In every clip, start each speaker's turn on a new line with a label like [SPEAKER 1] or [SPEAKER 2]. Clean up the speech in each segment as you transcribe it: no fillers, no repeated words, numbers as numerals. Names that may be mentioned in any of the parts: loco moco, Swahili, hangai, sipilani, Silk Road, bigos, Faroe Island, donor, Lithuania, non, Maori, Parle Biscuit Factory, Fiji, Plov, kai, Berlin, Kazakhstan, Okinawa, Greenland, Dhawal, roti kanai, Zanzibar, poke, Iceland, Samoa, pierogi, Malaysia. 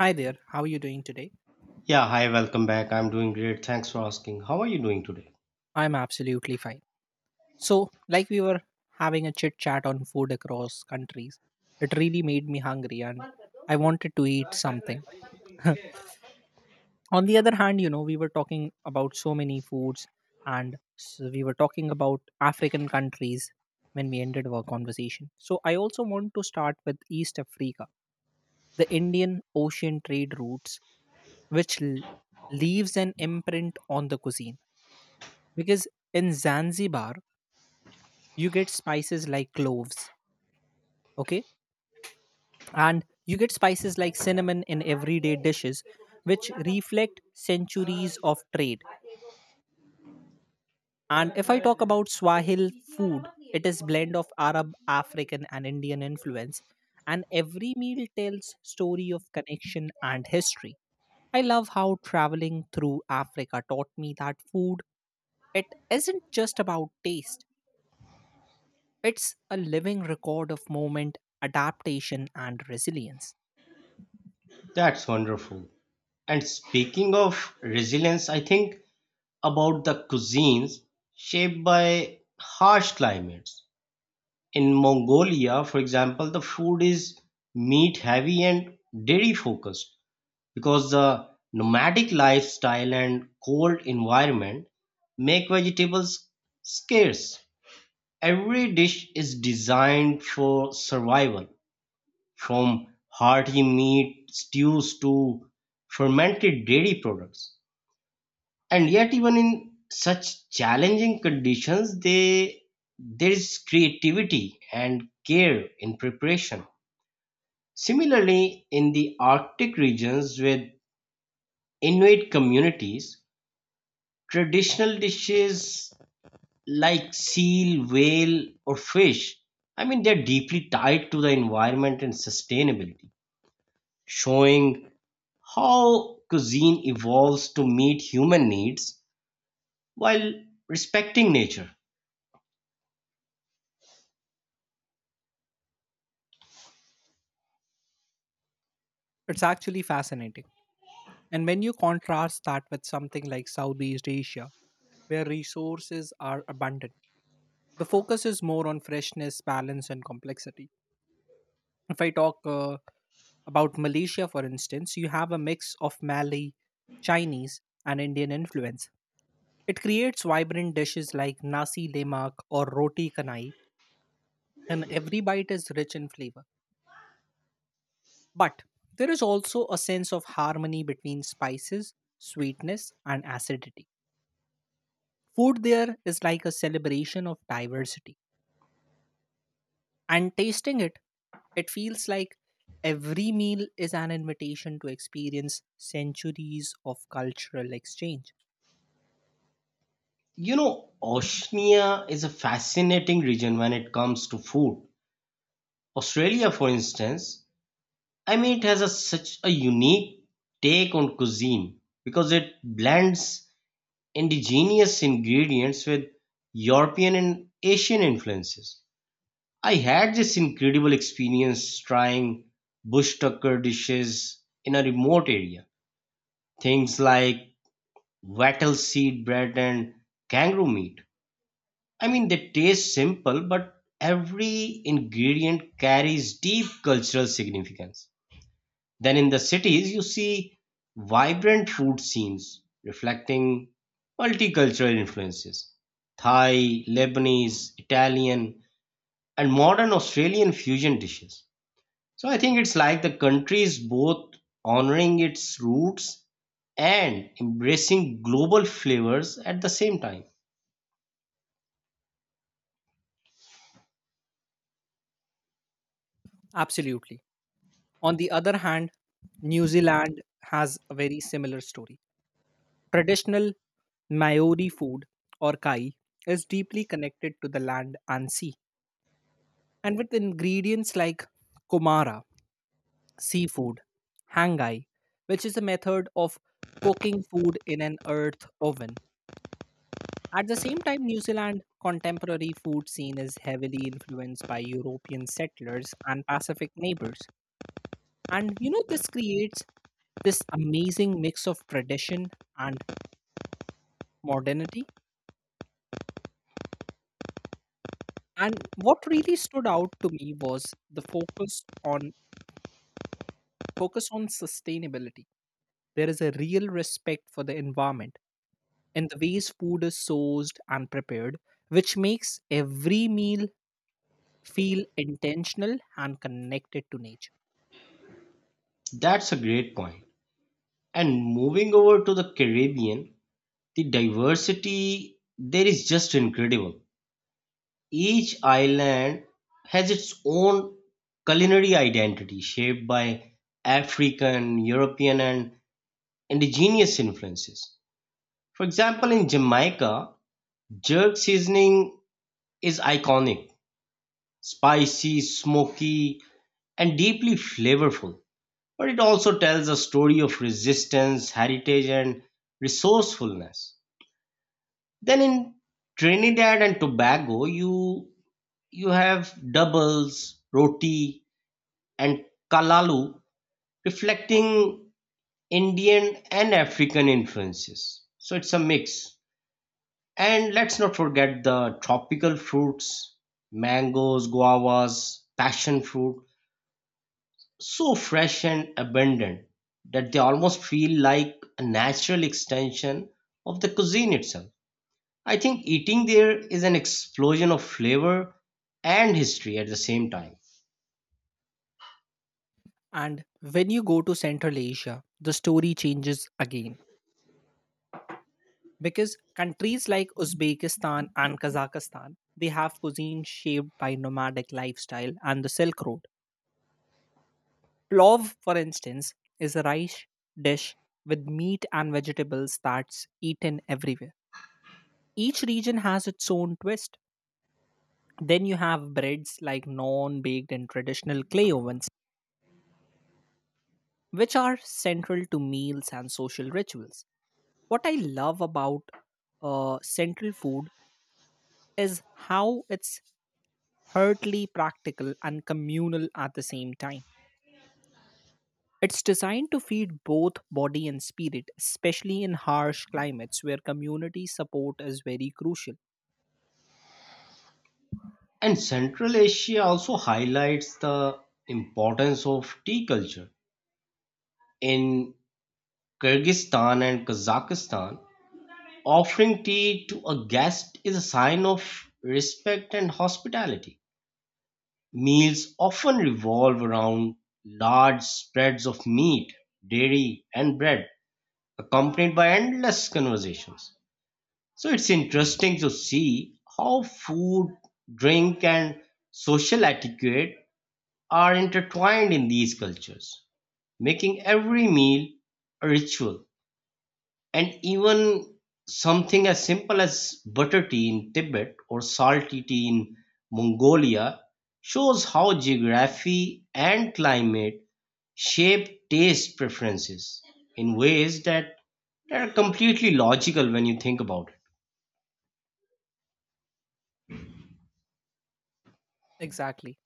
[SPEAKER 1] Hi there, how are you doing today?
[SPEAKER 2] Yeah, hi, welcome back. I'm doing great. Thanks for asking. How are you doing today?
[SPEAKER 1] I'm absolutely fine. So, like we were having a chit chat on food across countries, it really made me hungry and I wanted to eat something. On the other hand, we were talking about so many foods and s we were talking about African countries when we ended our conversation. So, I also want to start with East Africa, the Indian Ocean trade routes, which leaves an imprint on the cuisine. Because in Zanzibar, you get spices like cloves, okay, and you get spices like cinnamon in everyday dishes which reflect centuries of trade. And if I talk about swahil food, it is blend of arab african and indian influence, and every meal tells story of connection and history. I love how traveling through africa taught me that food, it isn't just about taste, it's a living record of moment, adaptation and resilience.
[SPEAKER 2] That's wonderful. And speaking of resilience, I think about the cuisines shaped by harsh climates. In Mongolia, for example, the food is meat heavy and dairy focused because the nomadic lifestyle and cold environment make vegetables scarce. Every dish is designed for survival from hearty meat stews to fermented dairy products. And yet, even in such challenging conditions, there is creativity and care in preparation. Similarly, in the Arctic regions with Inuit communities, traditional dishes like seal, whale, or fish, I mean, they're deeply tied to the environment and sustainability, showing how cuisine evolves to meet human needs while respecting nature.
[SPEAKER 1] It's actually fascinating. And when you contrast that with something like Southeast Asia, where resources are abundant, the focus is more on freshness, balance, and complexity. If I talk about Malaysia, for instance, you have a mix of Malay, Chinese, and Indian influence. It creates vibrant dishes like nasi lemak or roti kanai, and every bite is rich in flavor. But there is also a sense of harmony between spices, sweetness, and acidity. Food there is like a celebration of diversity. And tasting it, it feels like every meal is an invitation to experience centuries of cultural exchange.
[SPEAKER 2] You know, Oceania is a fascinating region when it comes to food. Australia, for instance, I mean, such a unique take on cuisine because it blends indigenous ingredients with European and Asian influences. I had this incredible experience trying bush tucker dishes in a remote area. Things like wattle seed bread and kangaroo meat. I mean, they taste simple, but every ingredient carries deep cultural significance. Then in the cities, you see vibrant food scenes reflecting multicultural influences: Thai, Lebanese, Italian, and modern Australian fusion dishes. So I think it's like the country is both honoring its roots and embracing global flavors at the same time.
[SPEAKER 1] Absolutely. On the other hand, New Zealand has a very similar story. Traditional Maori food or kai is deeply connected to the land and sea. And with ingredients like kumara, seafood, hangai, which is a method of cooking food in an earth oven. At the same time, New Zealand contemporary food scene is heavily influenced by European settlers and Pacific neighbors. And you know, this creates this amazing mix of tradition and modernity. And what really stood out to me was the focus on sustainability. There is a real respect for the environment in the ways food is sourced and prepared, which makes every meal feel intentional and connected to nature.
[SPEAKER 2] That's a great point. And moving over to the Caribbean, the diversity there is just incredible. Each island has its own culinary identity shaped by African, European, and indigenous influences. For example, in Jamaica, jerk seasoning is iconic, spicy, smoky, and deeply flavorful. But it also tells a story of resistance, heritage, and resourcefulness. Then in Trinidad and Tobago, you have doubles, roti, and kalalu, reflecting Indian and African influences. So it's a mix. And let's not forget the tropical fruits, mangoes, guavas, passion fruit, so fresh and abundant that they almost feel like a natural extension of the cuisine itself. I think eating there is an explosion of flavor and history at the same time.
[SPEAKER 1] And when you go to Central Asia, the story changes again because countries like Uzbekistan and Kazakhstan, they have cuisine shaped by nomadic lifestyle and the Silk Road. Plov, for instance, is a rice dish with meat and vegetables that's eaten everywhere. Each region has its own twist. Then you have breads like non baked and traditional clay ovens, which are central to meals and social rituals. What I love about central food is how it's hurtly practical and communal at the same time. It's designed to feed both body and spirit, especially in harsh climates where community support is very crucial.
[SPEAKER 2] And Central Asia also highlights the importance of tea culture in Kyrgyzstan and Kazakhstan. Offering tea to a guest is a sign of respect and hospitality. Meals often revolve around large spreads of meat, dairy, and bread, accompanied by endless conversations. So it's interesting to see how food, drink, and social etiquette are intertwined in these cultures, making every meal a ritual, and even something as simple as butter tea in Tibet or salty tea in Mongolia shows how geography and climate shape taste preferences in ways that are completely logical when you think about it.
[SPEAKER 1] Exactly.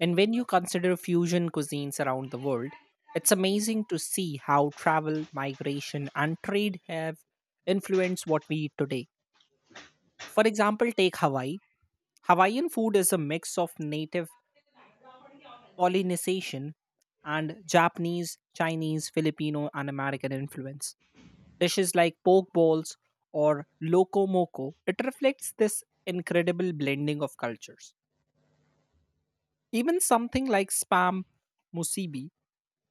[SPEAKER 1] And when you consider fusion cuisines around the world, it's amazing to see how travel, migration, and trade have influenced what we eat today. For example, take Hawaii. Hawaiian food is a mix of native Polynesian and Japanese, Chinese, Filipino, and American influence. Dishes like poke bowls or loco moco, it reflects this incredible blending of cultures. Even something like spam musubi.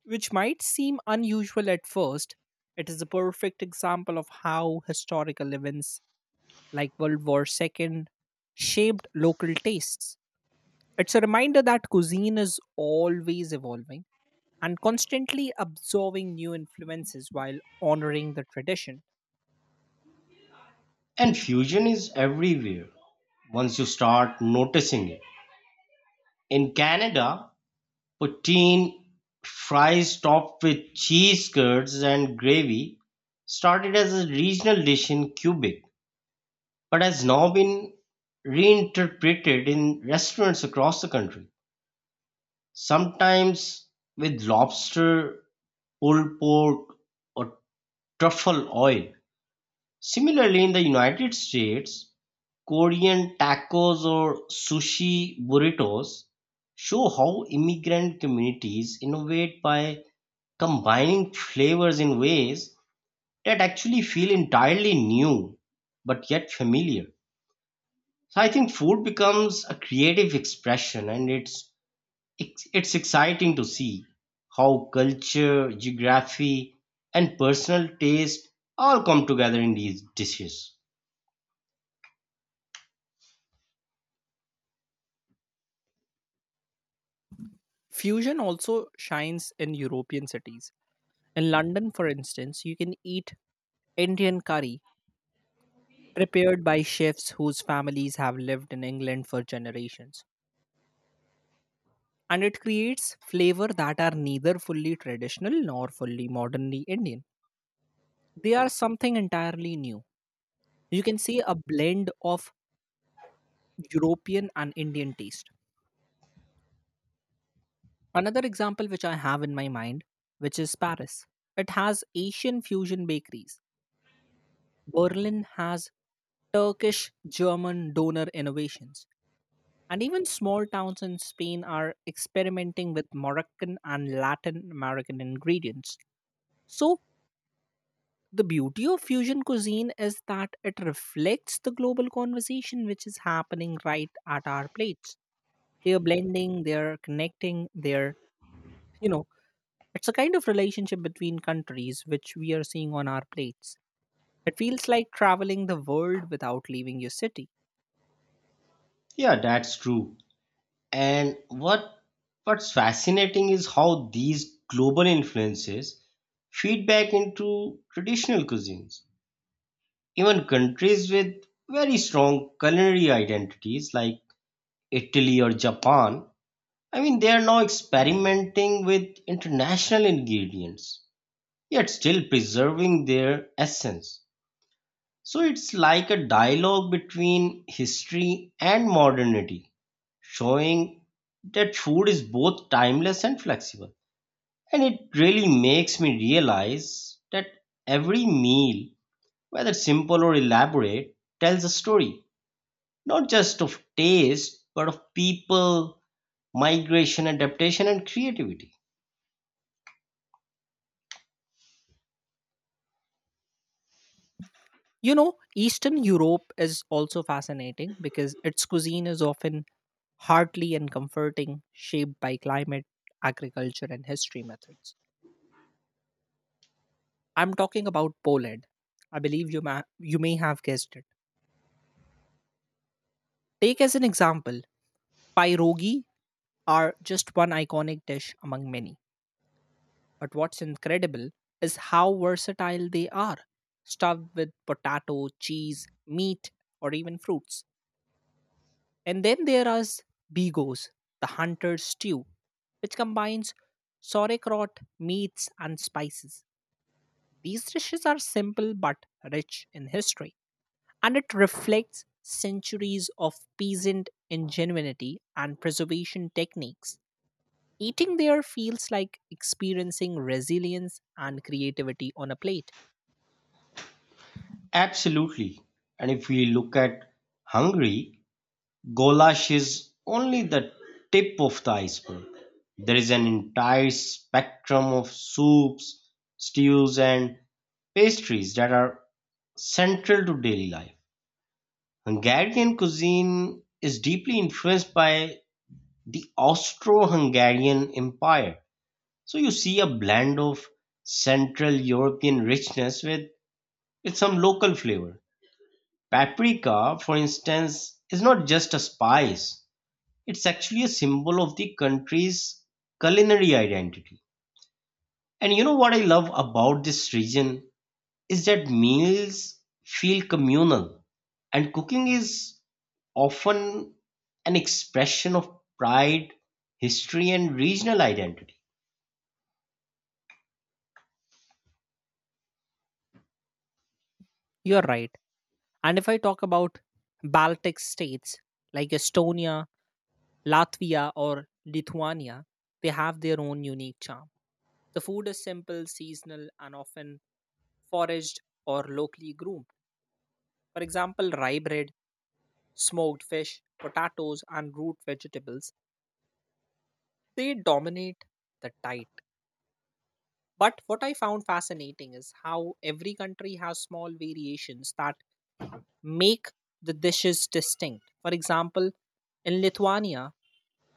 [SPEAKER 1] Which might seem unusual at first, it is a perfect example of how historical events like World War II shaped local tastes. It's a reminder that cuisine is always evolving and constantly absorbing new influences while honoring the tradition.
[SPEAKER 2] And fusion is everywhere once you start noticing it. In Canada, poutine, fries topped with cheese curds and gravy, started as a regional dish in Quebec but has now been reinterpreted in restaurants across the country, sometimes with lobster, pulled pork, or truffle oil. Similarly, in the United States, Korean tacos or sushi burritos show how immigrant communities innovate by combining flavors in ways that actually feel entirely new but yet familiar. So I think food becomes a creative expression, and it's exciting to see how culture, geography, and personal taste all come together in these dishes.
[SPEAKER 1] Fusion also shines in European cities. In London, for instance, you can eat Indian curry prepared by chefs whose families have lived in England for generations, and it creates flavor that are neither fully traditional nor fully modernly Indian. They are something entirely new. You can say a blend of European and Indian taste. Another example which I have in my mind, which is Paris. It has Asian fusion bakeries. Berlin has Turkish German donor innovations. And even small towns in Spain are experimenting with Moroccan and Latin American ingredients. So, the beauty of fusion cuisine is that it reflects the global conversation which is happening right at our plates. They are blending, they are connecting, they are, you know, it's a kind of relationship between countries which we are seeing on our plates. It feels like traveling the world without leaving your city.
[SPEAKER 2] Yeah, that's true. And what's fascinating is how these global influences feed back into traditional cuisines. Even countries with very strong culinary identities like Italy or Japan, I mean, they are now experimenting with international ingredients, yet still preserving their essence. So it's like a dialogue between history and modernity, showing that food is both timeless and flexible. And it really makes me realize that every meal, whether simple or elaborate, tells a story not just of taste, but of people, migration, adaptation, and creativity.
[SPEAKER 1] You know, Eastern Europe is also fascinating because its cuisine is often hearty and comforting, shaped by climate, agriculture, and history methods. I'm talking about Poland. I believe you, you may have guessed it. Take as an example, pierogi are just one iconic dish among many. But what's incredible is how versatile they are, stuffed with potato, cheese, meat, or even fruits. And then there is bigos, the hunter's stew, which combines sauerkraut, meats, and spices. These dishes are simple but rich in history, and it reflects centuries of peasant ingenuity and preservation techniques. Eating there feels like experiencing resilience and creativity on a plate.
[SPEAKER 2] Absolutely. And if we look at Hungary, goulash is only the tip of the iceberg. There is an entire spectrum of soups, stews, and pastries that are central to daily life. Hungarian cuisine is deeply influenced by the Austro Hungarian Empire, so you see a blend of Central European richness with some local flavor. Paprika, for instance, is not just a spice, it's actually a symbol of the country's culinary identity. And you know what I love about this region is that meals feel communal, and cooking is often an expression of pride, history, and regional identity.
[SPEAKER 1] You're right. And if I talk about Baltic states like Estonia, Latvia, or Lithuania, they have their own unique charm. The food is simple, seasonal, and often foraged or locally groomed. For example, rye bread, smoked fish, potatoes, and root vegetables, they dominate the tide. But what I found fascinating is how every country has small variations that make the dishes distinct. For example, in Lithuania,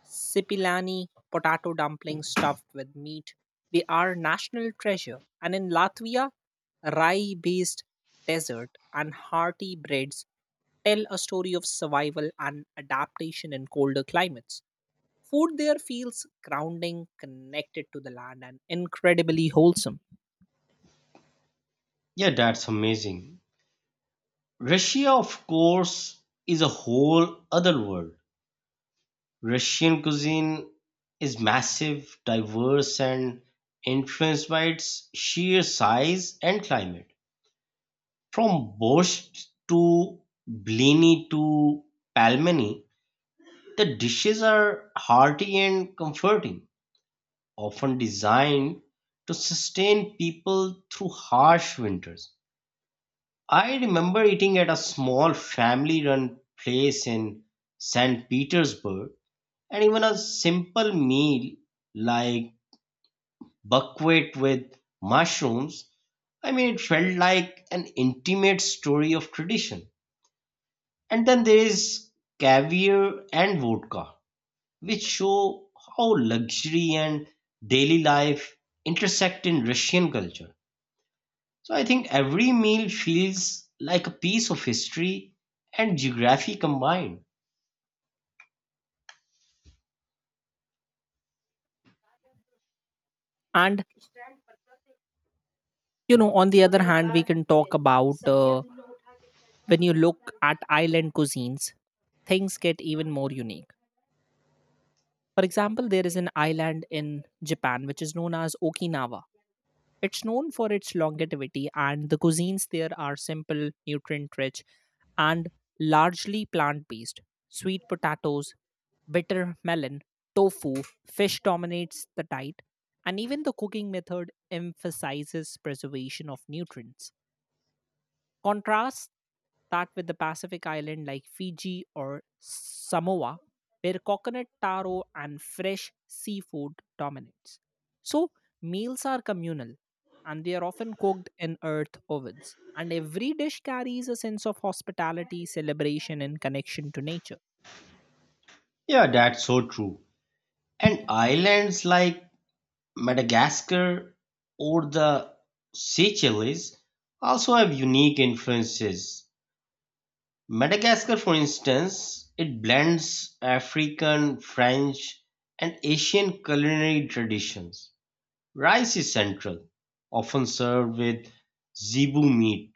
[SPEAKER 1] sipilani potato dumplings stuffed with meat, they are national treasure. And in Latvia, rye-based dessert and hearty breads tell a story of survival and adaptation in colder climates. Food there feels grounding, connected to the land, and incredibly wholesome.
[SPEAKER 2] Yeah, that's amazing. Russia, of course, is a whole other world. Russian cuisine is massive, diverse, and influenced by its sheer size and climate. From borscht to blini to pelmeni, the dishes are hearty and comforting, often designed to sustain people through harsh winters. I remember eating at a small family run place in St. Petersburg, and even a simple meal like buckwheat with mushrooms. I mean, it felt like an intimate story of tradition. And then there is caviar and vodka, which show how luxury and daily life intersect in Russian culture. So I think every meal feels like a piece of history and geography combined.
[SPEAKER 1] And you know, on the other hand, we can talk about, when you look at island cuisines, things get even more unique. For example, there is an island in Japan which is known as Okinawa. It's known for its longevity, and the cuisines there are simple, nutrient rich, and largely plant based. Sweet potatoes, bitter melon, tofu, fish dominates the diet, and even the cooking method emphasizes preservation of nutrients. Contrast that with the Pacific island like Fiji or Samoa, where coconut taro and fresh seafood dominates. So, meals are communal and they are often cooked in earth ovens. And every dish carries a sense of hospitality, celebration, and connection to nature.
[SPEAKER 2] Yeah, that's so true. And islands like Madagascar or the Seychelles also have unique influences. Madagascar, for instance, it blends African, French, and Asian culinary traditions. Rice is central, often served with zebu meat,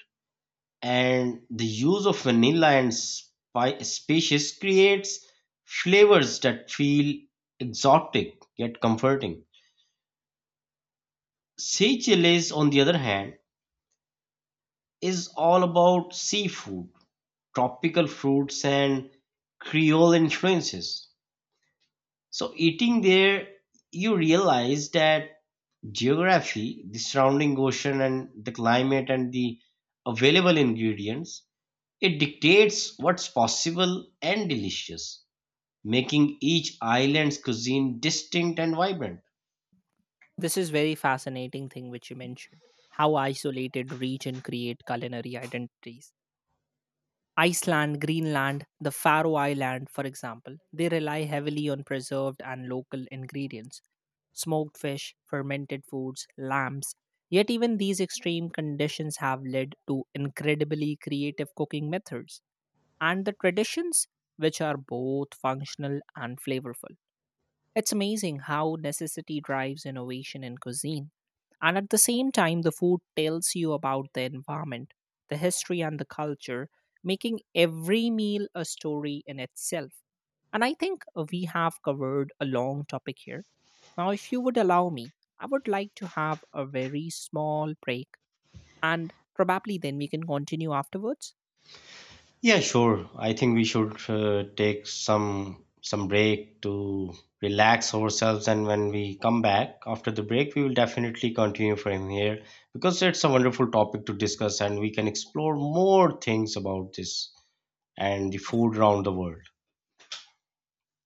[SPEAKER 2] and the use of vanilla and spices creates flavors that feel exotic yet comforting. Seychelles, on the other hand, is all about seafood, tropical fruits, and Creole influences. So, eating there, you realize that geography, the surrounding ocean, and the climate, and the available ingredients, it dictates what's possible and delicious, making each island's cuisine distinct and vibrant.
[SPEAKER 1] This is very fascinating thing which you mentioned. How isolated region create culinary identities. Iceland, Greenland, the Faroe Island, for example, they rely heavily on preserved and local ingredients, smoked fish, fermented foods, lamps. Yet, even these extreme conditions have led to incredibly creative cooking methods and the traditions which are both functional and flavorful. It's amazing how necessity drives innovation in cuisine. And at the same time, the food tells you about the environment, the history, and the culture, making every meal a story in itself. And I think we have covered a long topic here. Now, if you would allow me, I would like to have a very small break, and probably then we can continue afterwards.
[SPEAKER 2] Yeah, sure. I think we should take some break to relax ourselves, and when we come back after the break, we will definitely continue from here because it's a wonderful topic to discuss, and we can explore more things about this and the
[SPEAKER 1] If
[SPEAKER 2] food around the world.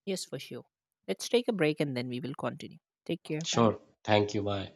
[SPEAKER 1] Yes, for sure. Let's take a break and then we will continue. Take care. Bye.
[SPEAKER 2] Sure. Thank you. Bye.